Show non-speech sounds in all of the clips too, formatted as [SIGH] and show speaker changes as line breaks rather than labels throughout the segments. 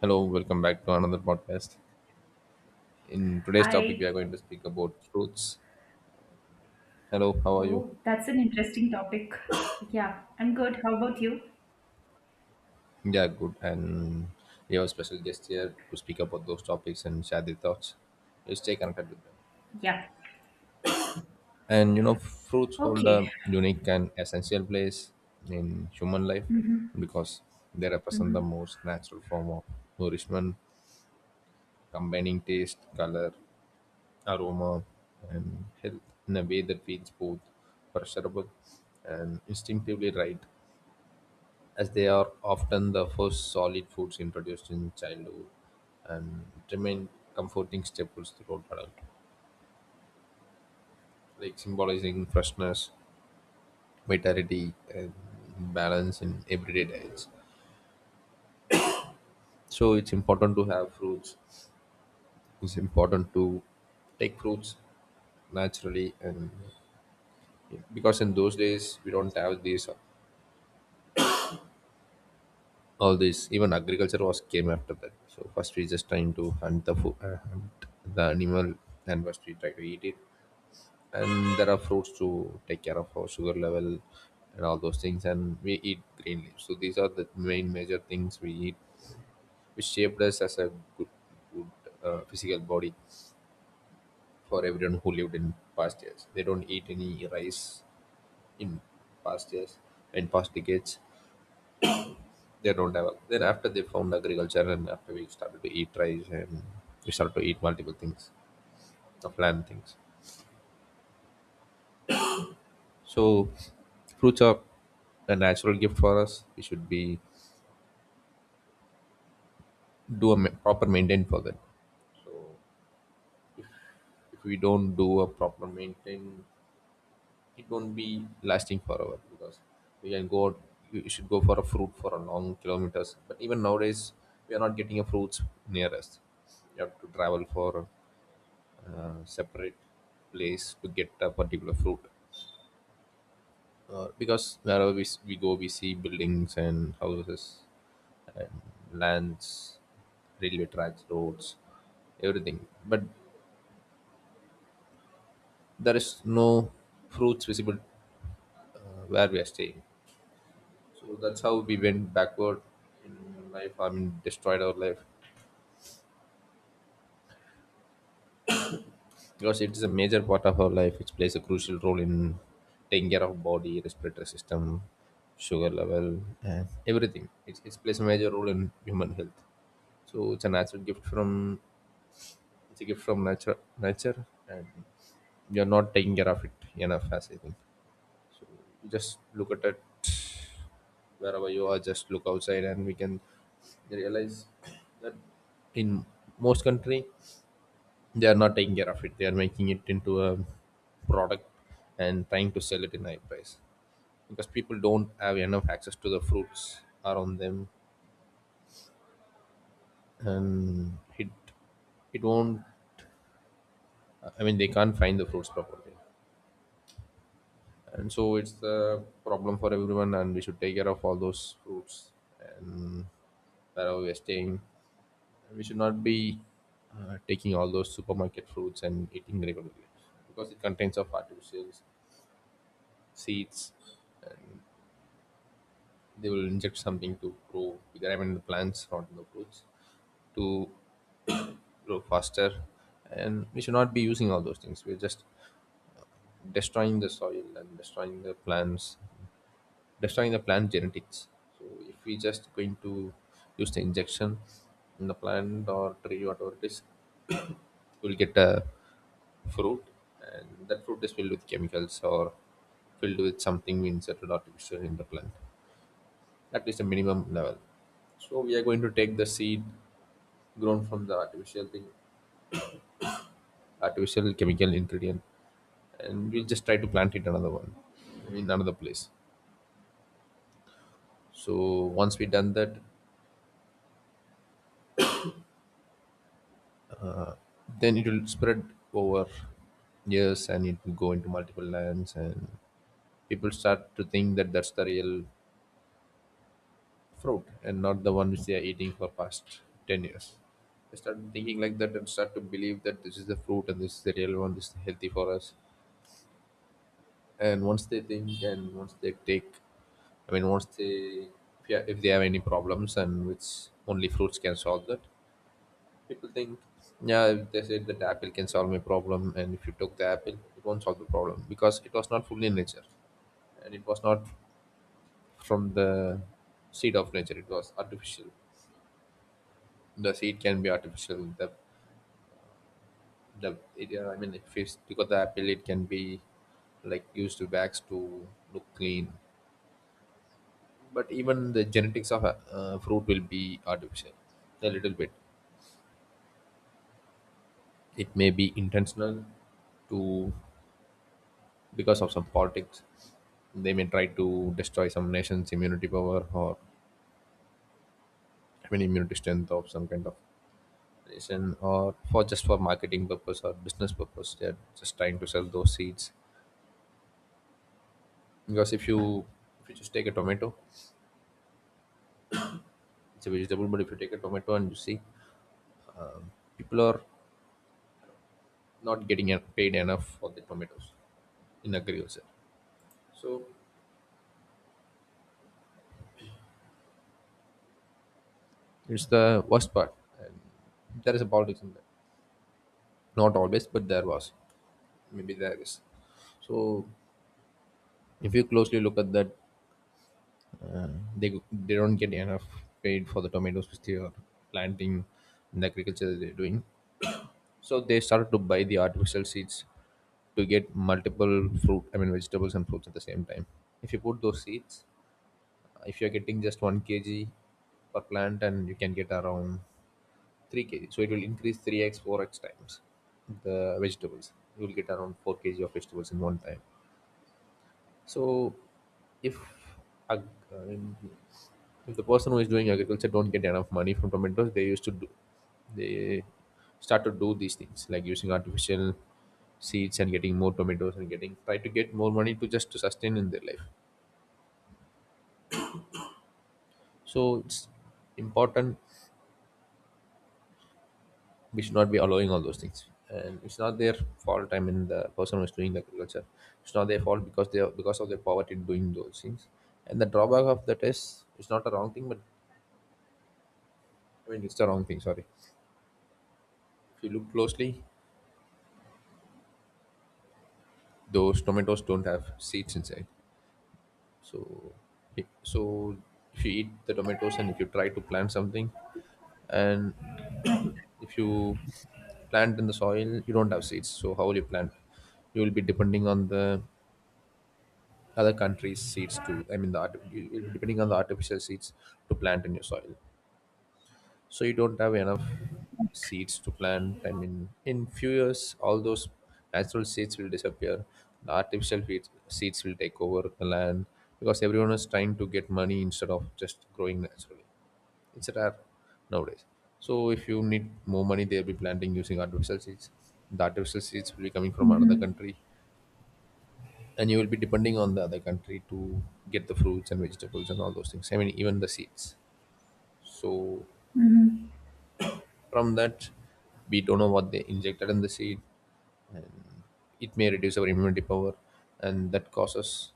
Hello, welcome back to another podcast. In today's topic, we
Hi.
are going to speak about fruits. Hello, how are you?
Oh, that's an interesting topic. Yeah, I'm good. How about you?
Yeah, good. And we have a special guest here to speak about those topics and share their thoughts. You stay connected with them.
Yeah.
Fruits hold
Okay.
a unique and essential place in human life because they represent the most natural form of nourishment, combining taste, color, aroma and health in a way that feels both pleasurable and instinctively right, as they are often the first solid foods introduced in childhood and remain comforting staples throughout adulthood, like symbolizing freshness, vitality, and balance in everyday diets. So it's important to have fruits. It's important to take fruits naturally and yeah, because in those days we don't have these all this even agriculture was came after that, so first we just trying to hunt the food, hunt the animal and first we try to eat it, and there are fruits to take care of our sugar level and all those things, and we eat green leaves. So these are the main major things we eat which shaped us as a good good physical body. For everyone who lived in past years, they don't eat any rice. In past years, in past decades, they don't have. Then after they found agriculture, and after we started to eat rice and we started to eat multiple things of land things. So fruits are a natural gift for us. We should be do a proper maintain for them. So if we don't do a proper maintain, it won't be lasting forever because we can go out. You should go for a fruit for a long kilometers, but even nowadays we are not getting a fruits near us. You have to travel for separate place to get a particular fruit. Because wherever we, we go, we see buildings and houses and lands, railway tracks, roads, everything. But there is no fruits visible uh, where we are staying. So that's how we went backward in life. I mean, destroyed our life, because it is a major part of our life. It plays a crucial role in taking care of body, respiratory system, sugar level and everything. It plays a major role in human health. So it's a natural gift from, it's a gift from nature, nature. And you're not taking care of it enough as I think. You just look at it wherever you are. Just look outside and we can realize that in most country, they are not taking care of it. They are making it into a product and trying to sell it in high price because people don't have enough access to the fruits around them. And it won't, I mean, they can't find the fruits properly. And so it's the problem for everyone, and we should take care of all those fruits. And wherever we are staying, we should not be taking all those supermarket fruits and eating regularly because it contains of artificial seeds. They will inject something to grow bigger. I mean, the plants, not the fruits, to grow faster. And we should not be using all those things. We're just destroying the soil and destroying the plants, destroying the plant genetics. So if we just going to use the injection in the plant or tree, whatever it is, we'll get a fruit, and that fruit is filled with chemicals or filled with something we inserted artificial in the plant. That is the minimum level. So we are going to take the seed grown from the artificial thing, artificial chemical ingredient, and we'll just try to plant it another one, I mean another place. So once we done that, then it will spread over years, and it will go into multiple lands, and people start to think that that's the real fruit and not the one which they are eating for past 10 years. They start thinking like that and start to believe that this is the fruit and this is the real one, this is healthy for us. And once they think and once they take, I mean, once they, if they have any problems and which only fruits can solve that, people think, yeah, if they said that apple can solve my problem, and if you took the apple, it won't solve the problem because it was not fully nature, and it was not from the seed of nature. It was artificial. The seed can be artificial. The it, I mean, if you got the apple, it can be like used to bags to look clean. But even the genetics of a fruit will be artificial, a little bit. It may be intentional to, because of some politics. They may try to destroy some nation's immunity power or, I mean, immunity strength of some kind of nation, or for just for marketing purpose or business purpose. They're just trying to sell those seeds. Because if you, if you just take a tomato, it's a vegetable, but if you take a tomato and you see people are not getting paid enough for the tomatoes in agriculture. So it's the worst part. And there is a politics in that. Not always, but there was. Maybe there is. So if you closely look at that, uh, they don't get enough paid for the tomatoes which they are planting and the agriculture that they're doing. So they started to buy the artificial seeds to get multiple fruit, I mean vegetables and fruits at the same time. If you put those seeds, if you're getting just 1 kg per plant and you can get around 3 kg, so it will increase 3x 4x times the vegetables. You will get around 4 kg of vegetables in one time. So, if ag- I mean, if the person who is doing agriculture don't get enough money from tomatoes, they used to do, they start to do these things like using artificial seeds and getting more tomatoes and getting try to get more money to just to sustain in their life. So it's important, we should not be allowing all those things. And it's not their fault. I mean, the person who is doing the agriculture, it's not their fault because they are, because of their poverty doing those things. And the drawback of that is it's not a wrong thing, but I mean, it's the wrong thing. Sorry. If you look closely, those tomatoes don't have seeds inside. So, so if you eat the tomatoes and if you try to plant something, and [COUGHS]
Right.
[CLEARS THROAT] if you plant in the soil, you don't have seeds. So how will you plant? You will be depending on the other countries' seeds to. I mean, the art, you will be depending on the artificial seeds to plant in your soil. So you don't have enough seeds to plant, I mean, in few years all those natural seeds will disappear. The artificial feeds, seeds will take over the land because everyone is trying to get money instead of just growing naturally. It's rare nowadays. So if you need more money, they'll be planting using artificial seeds. The artificial seeds will be coming from another country, and you will be depending on the other country to get the fruits and vegetables and all those things, I mean even the seeds. So from that, we don't know what they injected in the seed, and it may reduce our immunity power, and that causes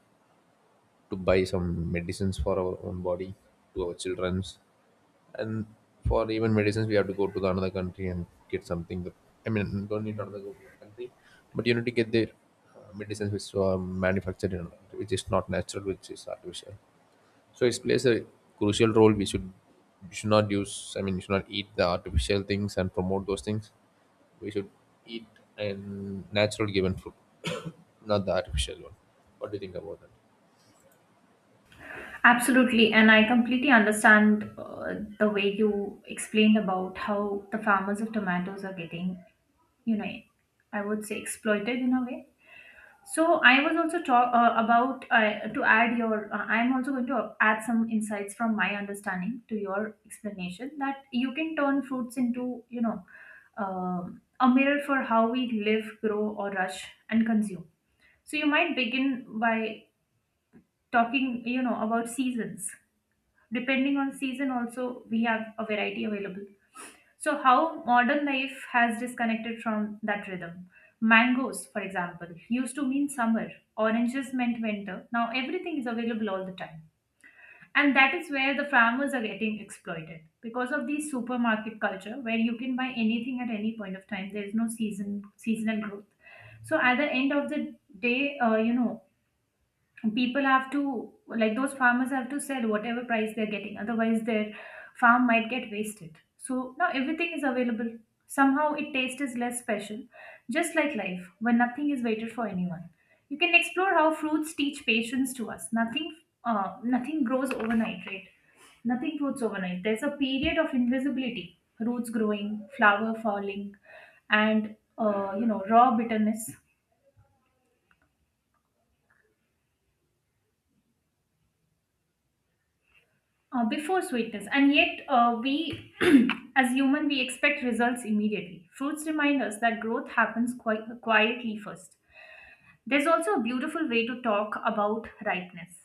to buy some medicines for our own body, to our children's. And for even medicines we have to go to the another country and get something that, I mean don't need another country, but you need to get their medicines which are manufactured in another country, which is not natural, which is artificial. So it plays a crucial role. We should, you should not use, I mean you should not eat the artificial things and promote those things. We should eat and natural given food, not the artificial one. What do you think about that?
Absolutely. And I completely understand the way you explained about how the farmers of tomatoes are getting, you know, I would say exploited in a way. So I was also talk about to add your. I'm also going to add some insights from my understanding to your explanation that you can turn fruits into a mirror for how we live, grow, or rush and consume. So you might begin by talking about seasons. Depending on season, also we have a variety available. So, how modern life has disconnected from that rhythm? Mangoes, for example, used to mean summer, oranges meant winter. Now, everything is available all the time. And that is where the farmers are getting exploited because of the supermarket culture where you can buy anything at any point of time. There is no seasonal growth. So at the end of the day, people have to like those farmers have to sell whatever price they're getting, otherwise their farm might get wasted. So now everything is available, somehow it taste is less special, just like life when nothing is waited for anyone. You can explore how fruits teach patience to us. Nothing nothing grows overnight, right? Nothing grows overnight. There's a period of invisibility, roots growing, flower falling, and raw bitterness before sweetness. And yet we [CLEARS THROAT] as human we expect results immediately. Fruits remind us that growth happens quite quietly first. There's also a beautiful way to talk about ripeness.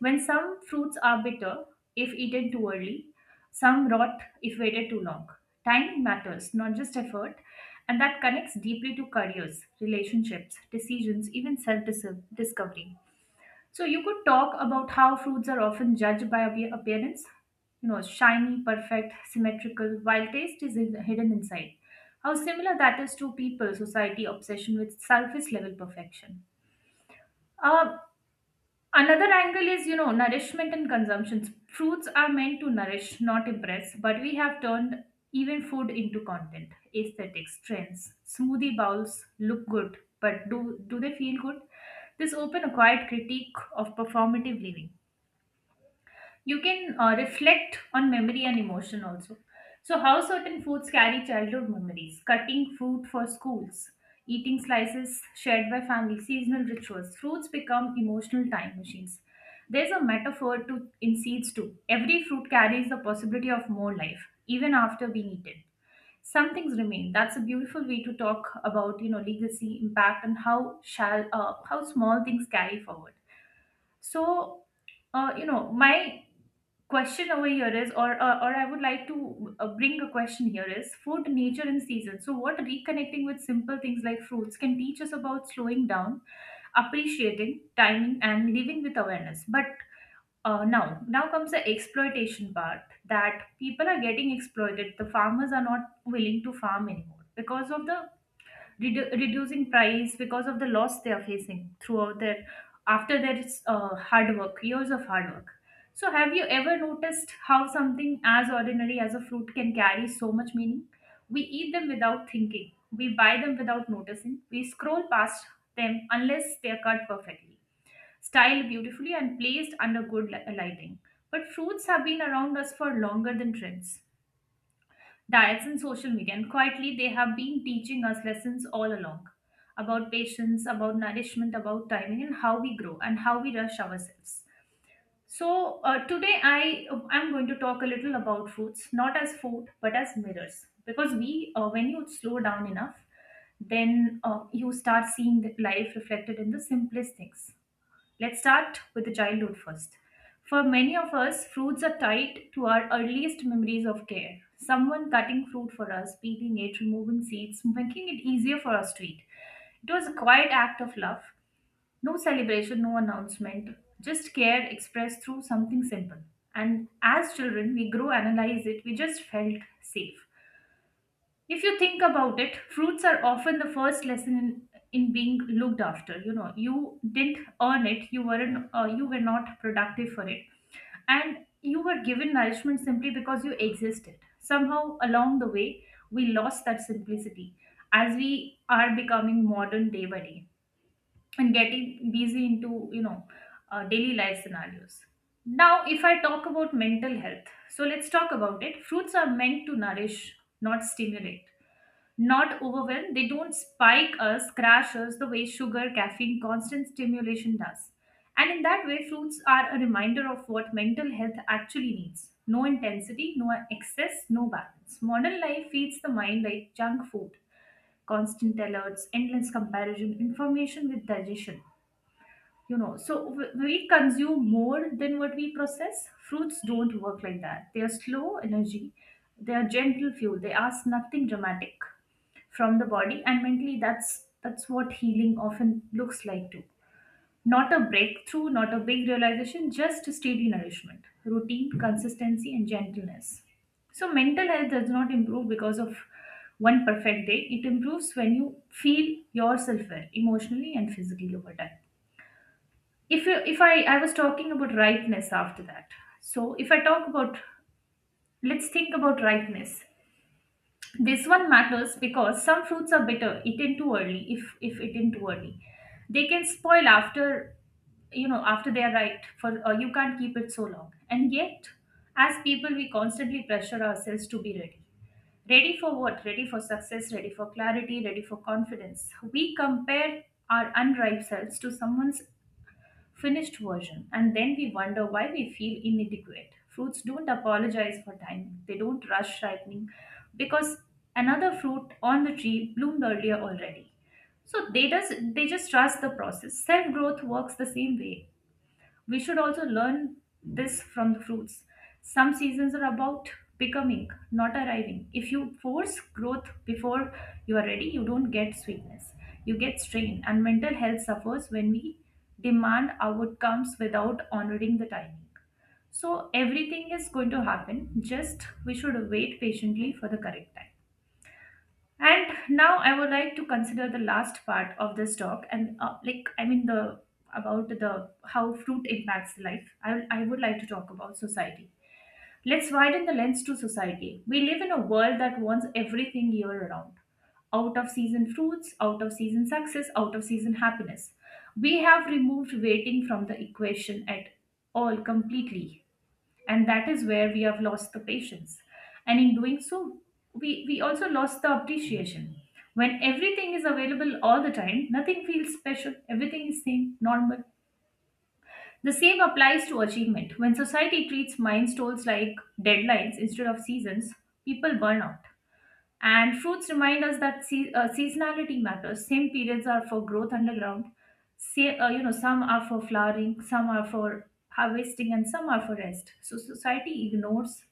When some fruits are bitter if eaten too early, some rot if waited too long. Time matters, not just effort. And that connects deeply to careers, relationships, decisions, even self discovery. So you could talk about how fruits are often judged by appearance, you know, shiny, perfect, symmetrical, while taste is hidden inside. How similar that is to people, society obsession with surface level perfection. Uh, another angle is, you know, nourishment and consumption. Fruits are meant to nourish, not impress, but we have turned even food into content, aesthetics, trends. Smoothie bowls look good, but do they feel good? This open a quiet critique of performative living. You can reflect on memory and emotion also. So, how certain foods carry childhood memories, cutting fruit for schools, eating slices shared by family, seasonal rituals. Fruits become emotional time machines. There's a metaphor to, in seeds too. Every fruit carries the possibility of more life, even after being eaten. Some things remain. That's a beautiful way to talk about, you know, legacy, impact, and how small things carry forward. So you know, my question over here is, or I would like to bring a question here is food, nature, and season. So, what reconnecting with simple things like fruits can teach us about slowing down, appreciating, timing, and living with awareness. But now comes the exploitation part that people are getting exploited. The farmers are not willing to farm anymore because of the reducing price, because of the loss they are facing throughout their after their hard work years of hard work. So have you ever noticed how something as ordinary as a fruit can carry so much meaning? We eat them without thinking, we buy them without noticing, we scroll past them unless they are cut perfectly, styled beautifully, and placed under good lighting. But fruits have been around us for longer than trends, diets, and social media, and quietly they have been teaching us lessons all along about patience, about nourishment, about timing, and how we grow and how we rush ourselves. So today I'm going to talk a little about fruits, not as food but as mirrors, because we when you slow down enough, then you start seeing the life reflected in the simplest things. Let's start with the childhood first. For many of us, fruits are tied to our earliest memories of care. Someone cutting fruit for us, peeling it, removing seeds, making it easier for us to eat. It was a quiet act of love. No celebration, no announcement, just care expressed through something simple. And as children, we grew, analyze it, we just felt safe. If you think about it, fruits are often the first lesson in being looked after. You know, you didn't earn it. You were not productive for it, and you were given nourishment simply because you existed. Somehow along the way, we lost that simplicity as we are becoming modern day by day and getting busy into daily life scenarios. Now, if I talk about mental health, so let's talk about it. Fruits are meant to nourish, not stimulate, not overwhelmed. They don't spike us, crash us the way sugar, caffeine, constant stimulation does. And in that way, fruits are a reminder of what mental health actually needs: no intensity, no excess, no balance. Modern life feeds the mind like junk food: constant alerts, endless comparison, information with digestion. You know, so we consume more than what we process. Fruits don't work like that. They are slow energy, they are gentle fuel, they ask nothing dramatic from the body. And mentally, that's what healing often looks like too, not a breakthrough, not a big realization, just steady nourishment, routine, consistency, and gentleness. So mental health does not improve because of one perfect day. It improves when you feel yourself well emotionally and physically over time. If I was talking about rightness after that. So if I talk about, let's think about rightness. This one matters because some fruits are bitter eaten too early. If eaten too early, they can spoil after, you know, after they are ripe. For you can't keep it so long. And yet, as people, we constantly pressure ourselves to be ready. Ready for what? Ready for success. Ready for clarity. Ready for confidence. We compare our unripe selves to someone's finished version, and then we wonder why we feel inadequate. Fruits don't apologize for timing, they don't rush ripening because another fruit on the tree bloomed earlier already. So they just trust the process. Self growth works the same way. We should also learn this from the fruits. Some seasons are about becoming, not arriving. If you force growth before you are ready, you don't get sweetness. You get strain, and mental health suffers when we demand outcomes without honoring the timing. So, everything is going to happen, just we should wait patiently for the correct time. And now I would like to consider the last part of this talk, and like I mean the about the how fruit impacts life. I would like to talk about society. Let's widen the lens to society. We live in a world that wants everything year round. Out of season fruits, out of season success, out of season happiness. We have removed waiting from the equation at all completely, and that is where we have lost the patience. And in doing so, we also lost the appreciation. When everything is available all the time, nothing feels special, everything is same normal. The same applies to achievement. When society treats milestones like deadlines instead of seasons, people burn out. And fruits remind us that seasonality matters. Same periods are for growth underground, you know, some are for flowering, some are for harvesting, and some are for rest. So society ignores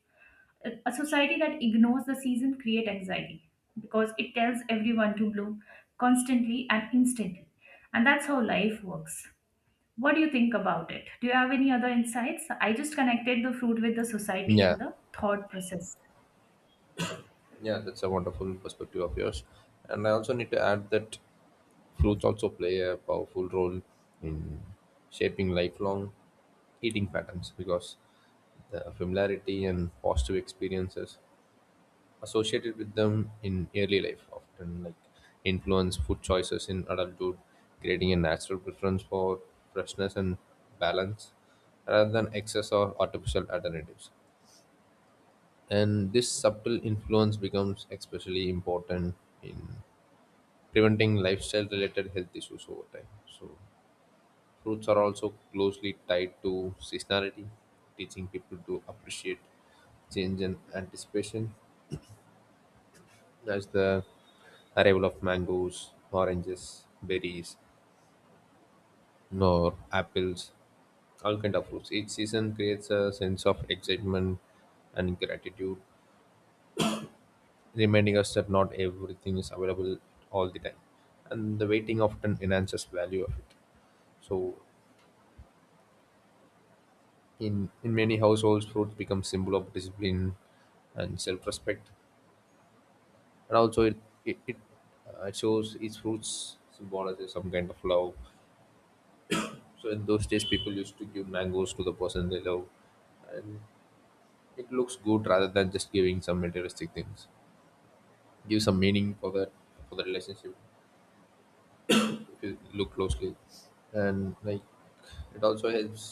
a society that ignores the season create anxiety, because it tells everyone to bloom constantly and instantly. And that's how life works. What do you think about it? Do you have any other insights? I just connected the fruit with the society
Yeah.
and the thought process.
Yeah, that's a wonderful perspective of yours. And I also need to add that fruits also play a powerful role in shaping lifelong eating patterns because the familiarity and positive experiences associated with them in early life, often like influence food choices in adulthood, creating a natural preference for freshness and balance rather than excess or artificial alternatives. And this subtle influence becomes especially important in preventing lifestyle related health issues over time. So, fruits are also closely tied to seasonality, teaching people to appreciate change and anticipation as the arrival of mangoes, oranges, berries, nor apples, all kind of fruits. Each season creates a sense of excitement and gratitude, reminding us that not everything is available all the time, and the waiting often enhances value of it. So, in many households, fruits become symbol of discipline and self-respect, and also it, it, it shows each fruits symbolizes some kind of love. So in those days, people used to give mangoes to the person they love, and it looks good rather than just giving some materialistic things. Give some meaning for that, for the relationship, if you look closely, and like it also helps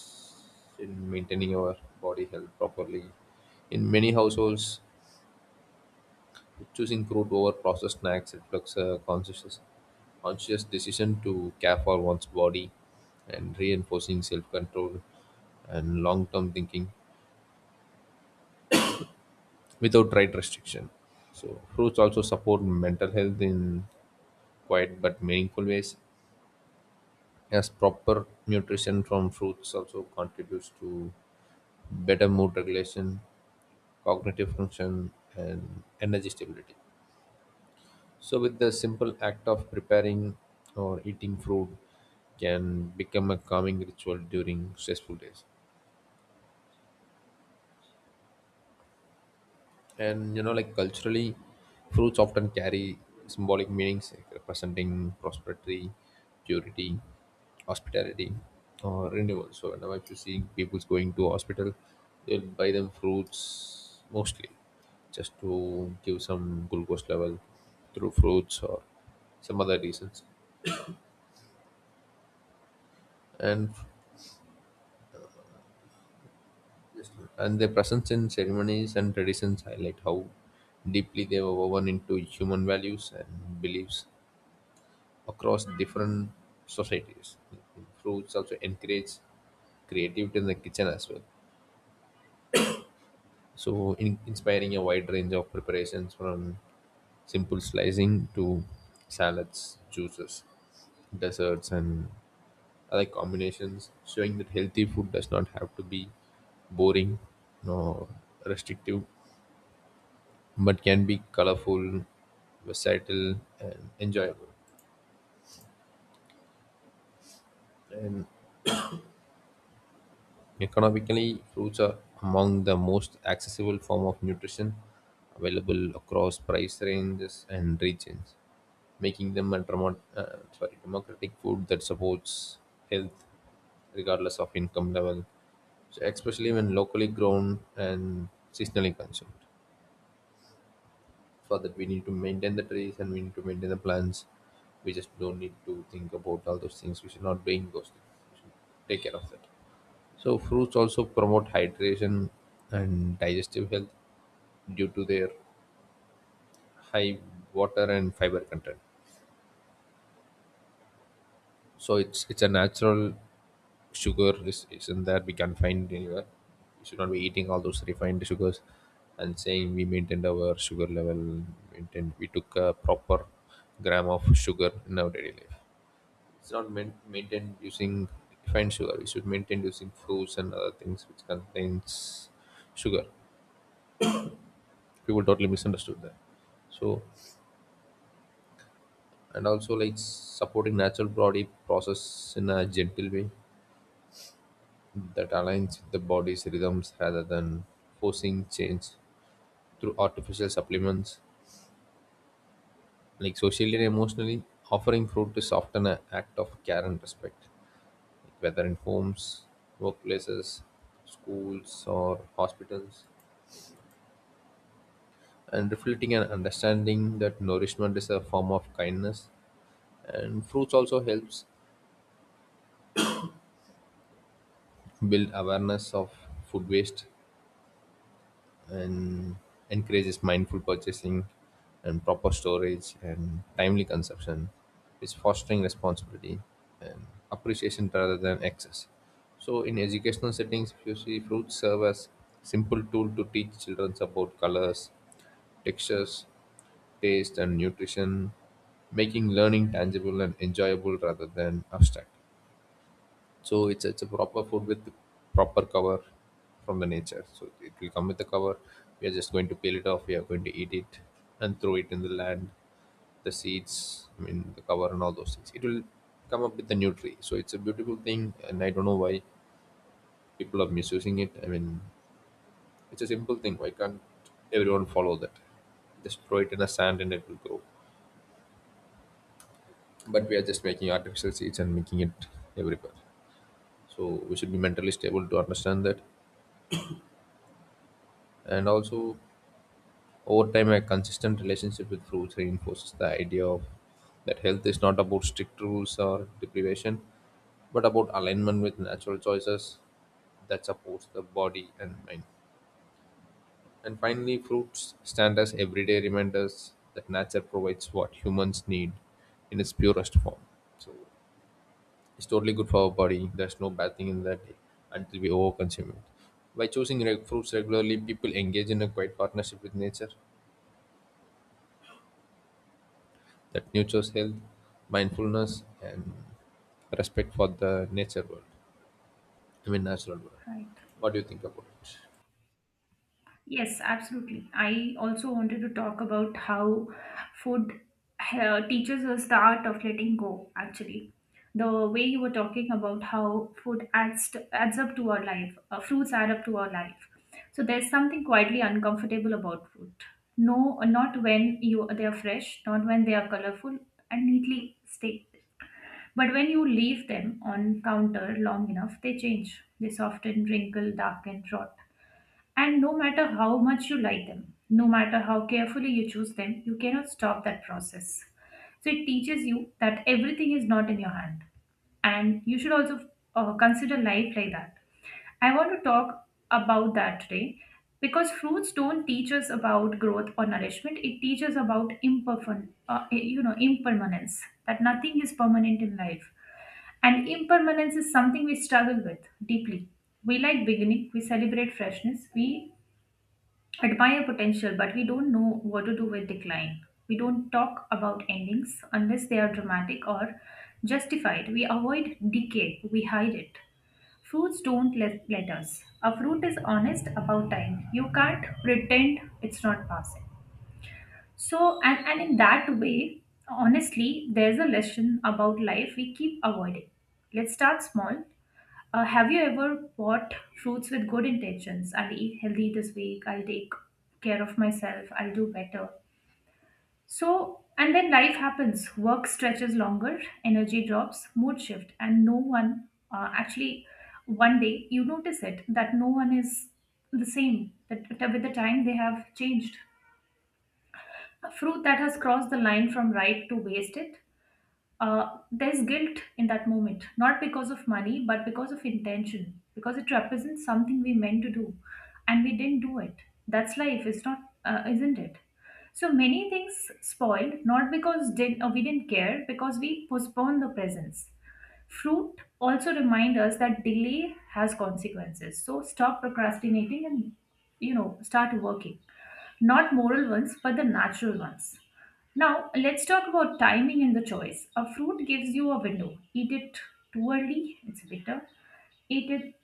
in maintaining our body health properly. In many households, choosing fruit over processed snacks reflects a conscious decision to care for one's body and reinforcing self-control and long-term thinking without right restriction. So fruits also support mental health in quiet but meaningful ways, as proper nutrition from fruits also contributes to better mood regulation, cognitive function, and energy stability. So with the simple act of preparing or eating fruit can become a calming ritual during stressful days. And like culturally, fruits often carry symbolic meanings like representing prosperity, purity, hospitality, or renewal. So whenever you see people's going to hospital, they'll buy them fruits mostly, just to give some glucose level through fruits or some other reasons. And and their presence in ceremonies and traditions highlight how deeply they were woven into human values and beliefs across different societies. Fruits also encourage creativity in the kitchen as well. Inspiring a wide range of preparations from simple slicing to salads, juices, desserts, and other combinations, showing that healthy food does not have to be boring or restrictive, but can be colorful, versatile, and enjoyable. And economically, fruits are among the most accessible form of nutrition available across price ranges and regions, making them a democratic food that supports health regardless of income level, so especially when locally grown and seasonally consumed. For that, we need to maintain the trees and we need to maintain the plants. We just don't need to think about all those things. We should not doing those things. We should take care of that. So fruits also promote hydration and digestive health due to their high water and fiber content. So it's a natural sugar is isn't that we can find anywhere. We should not be eating all those refined sugars and saying we maintained our sugar level, maintained we took a proper gram of sugar in our daily life. It's not meant maintained using refined sugar. We should maintain using fruits and other things which contains sugar. People totally misunderstood that. So and also, like, supporting natural body process in a gentle way that aligns with the body's rhythms rather than forcing change through artificial supplements. Like socially and emotionally, offering fruit is often an act of care and respect, whether in homes, workplaces, schools, or hospitals, and reflecting an understanding that nourishment is a form of kindness. And fruits also helps build awareness of food waste and encourages mindful purchasing and proper storage and timely consumption is fostering responsibility and appreciation rather than excess. So in educational settings, if you see, fruits serve as simple tool to teach children about colors, textures, taste and nutrition, making learning tangible and enjoyable rather than abstract. So it's a proper food with proper cover from the nature. So it will come with a cover. We are just going to peel it off. We are going to eat it and throw it in the land, the seeds, I mean the cover and all those things. It will come up with a new tree. So it's a beautiful thing, and I don't know why people are misusing it. I mean, it's a simple thing. Why can't everyone follow that? Just throw it in the sand and it will grow. But we are just making artificial seeds and making it everywhere. So we should be mentally stable to understand that. And also, over time, a consistent relationship with foods reinforces the idea of that health is not about strict rules or deprivation, but about alignment with natural choices that supports the body and mind. And finally, fruits stand as everyday reminders that nature provides what humans need in its purest form. So it's totally good for our body. There's no bad thing in that until we overconsume it. By choosing fruits regularly, people engage in a quiet partnership with nature, that nurtures health, mindfulness, and respect for the nature world. I mean, natural world.
Right.
What do you think about it?
Yes, absolutely. I also wanted to talk about how food teaches us the art of letting go, actually. The way you were talking about how adds up to our life, fruits add up to our life. So there's something quietly uncomfortable about fruit. No, not when you they are fresh, not when they are colorful and neatly staked. But when you leave them on counter long enough, they change. They soften, wrinkle, darken, rot, and no matter how much you like them, no matter how carefully you choose them, you cannot stop that process. So it teaches you that everything is not in your hand, and you should also consider life like that. I want to talk about that today because fruits don't teach us about growth or nourishment. It teaches about you know, impermanence. That nothing is permanent in life, and impermanence is something we struggle with deeply. We like beginning, we celebrate freshness, we admire potential, but we don't know what to do with decline. We don't talk about endings unless they are dramatic or justified. We avoid decay, we hide it. Fruits don't let us. A fruit is honest about time. You can't pretend it's not passing. So, and in that way, honestly, there's a lesson about life we keep avoiding. Let's start small. Have you ever bought fruits with good intentions? I'll eat healthy this week. I'll take care of myself. I'll do better. So, and then life happens. Work stretches longer, energy drops, mood shift, and no one actually, one day you notice it that no one is the same, that with the time they have changed a fruit that has crossed the line from right to wasted. uh, there's guilt in that moment, not because of money, but because of intention, because it represents something we meant to do and we didn't do it. That's life, is not, isn't it? So many things spoiled, not because we didn't care, because we postponed the presence. Fruit also remind us that delay has consequences. So stop procrastinating and start working. Not moral ones, but the natural ones. Now, let's talk about timing in the choice. A fruit gives you a window. Eat it too early, it's bitter. Eat it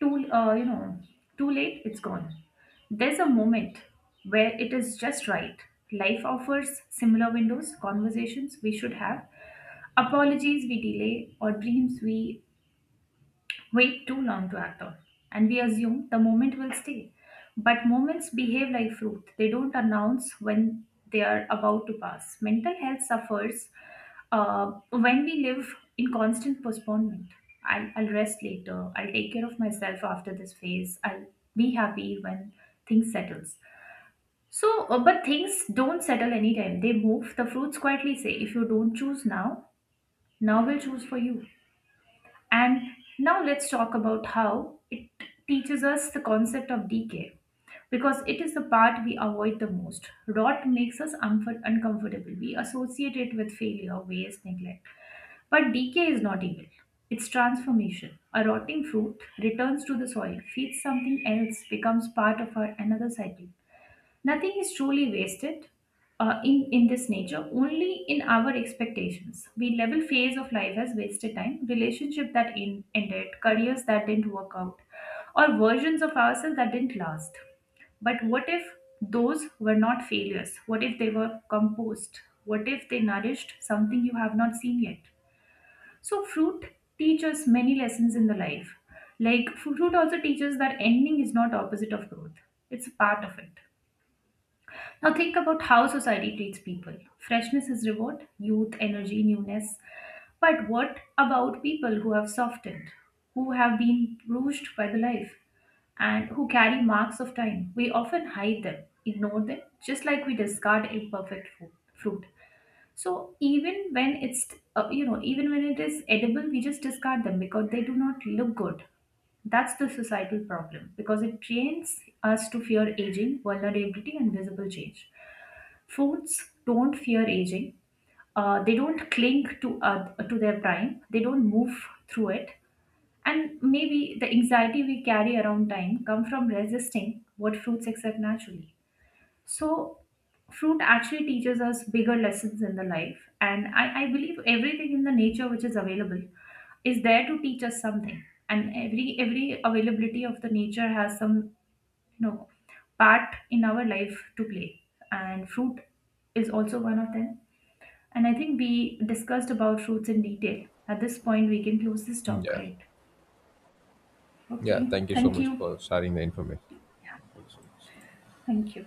too, uh, you know, too late, it's gone. There's a moment where it is just right. Life offers similar windows, conversations we should have, apologies we delay, or dreams we wait too long to act on. And we assume the moment will stay. But moments behave like fruit, they don't announce when they are about to pass. Mental health suffers when we live in constant postponement. I'll rest later. I'll take care of myself after this phase. I'll be happy when things settles. But things don't settle anytime. They move. The fruits quietly say, if you don't choose now, now will choose for you. And now let's talk about how it teaches us the concept of decay because it is the part we avoid the most. Rot makes us uncomfortable. We associate it with failure, waste, neglect. But decay is not evil, it's transformation. A rotting fruit returns to the soil, feeds something else, becomes part of our another cycle. Nothing is truly wasted in this nature, only in our expectations. We level phase of life as wasted time, relationship that ended, careers that didn't work out, or versions of ourselves that didn't last. But what if those were not failures? What if they were composed? What if they nourished something you have not seen yet? So, fruit teaches many lessons in the life. Like, fruit also teaches that ending is not opposite of growth, it's a part of it. Now think about how society treats people. Freshness is reward, youth, energy, newness. But what about people who have softened, who have been bruised by the life, and who carry marks of time? We often hide them, ignore them, just like we discard imperfect fruit. So even when it's you know even when it is edible, we just discard them because they do not look good. That's the societal problem because it trains us to fear aging, vulnerability, and visible change. Foods don't fear aging. They don't cling to their prime. They don't move through it. And maybe the anxiety we carry around time come from resisting what fruits accept naturally. So, fruit actually teaches us bigger lessons in the life. And I believe everything in the nature which is available is there to teach us something. And every availability of the nature has some, you know, part in our life to play. And fruit is also one of them. And I think we discussed about fruits in detail. At this point, we can close this talk,
Yeah.
right?
Yeah.
Okay.
Thank you so
Thank
much
you.
for sharing the information. Thank you so much.
Thank you.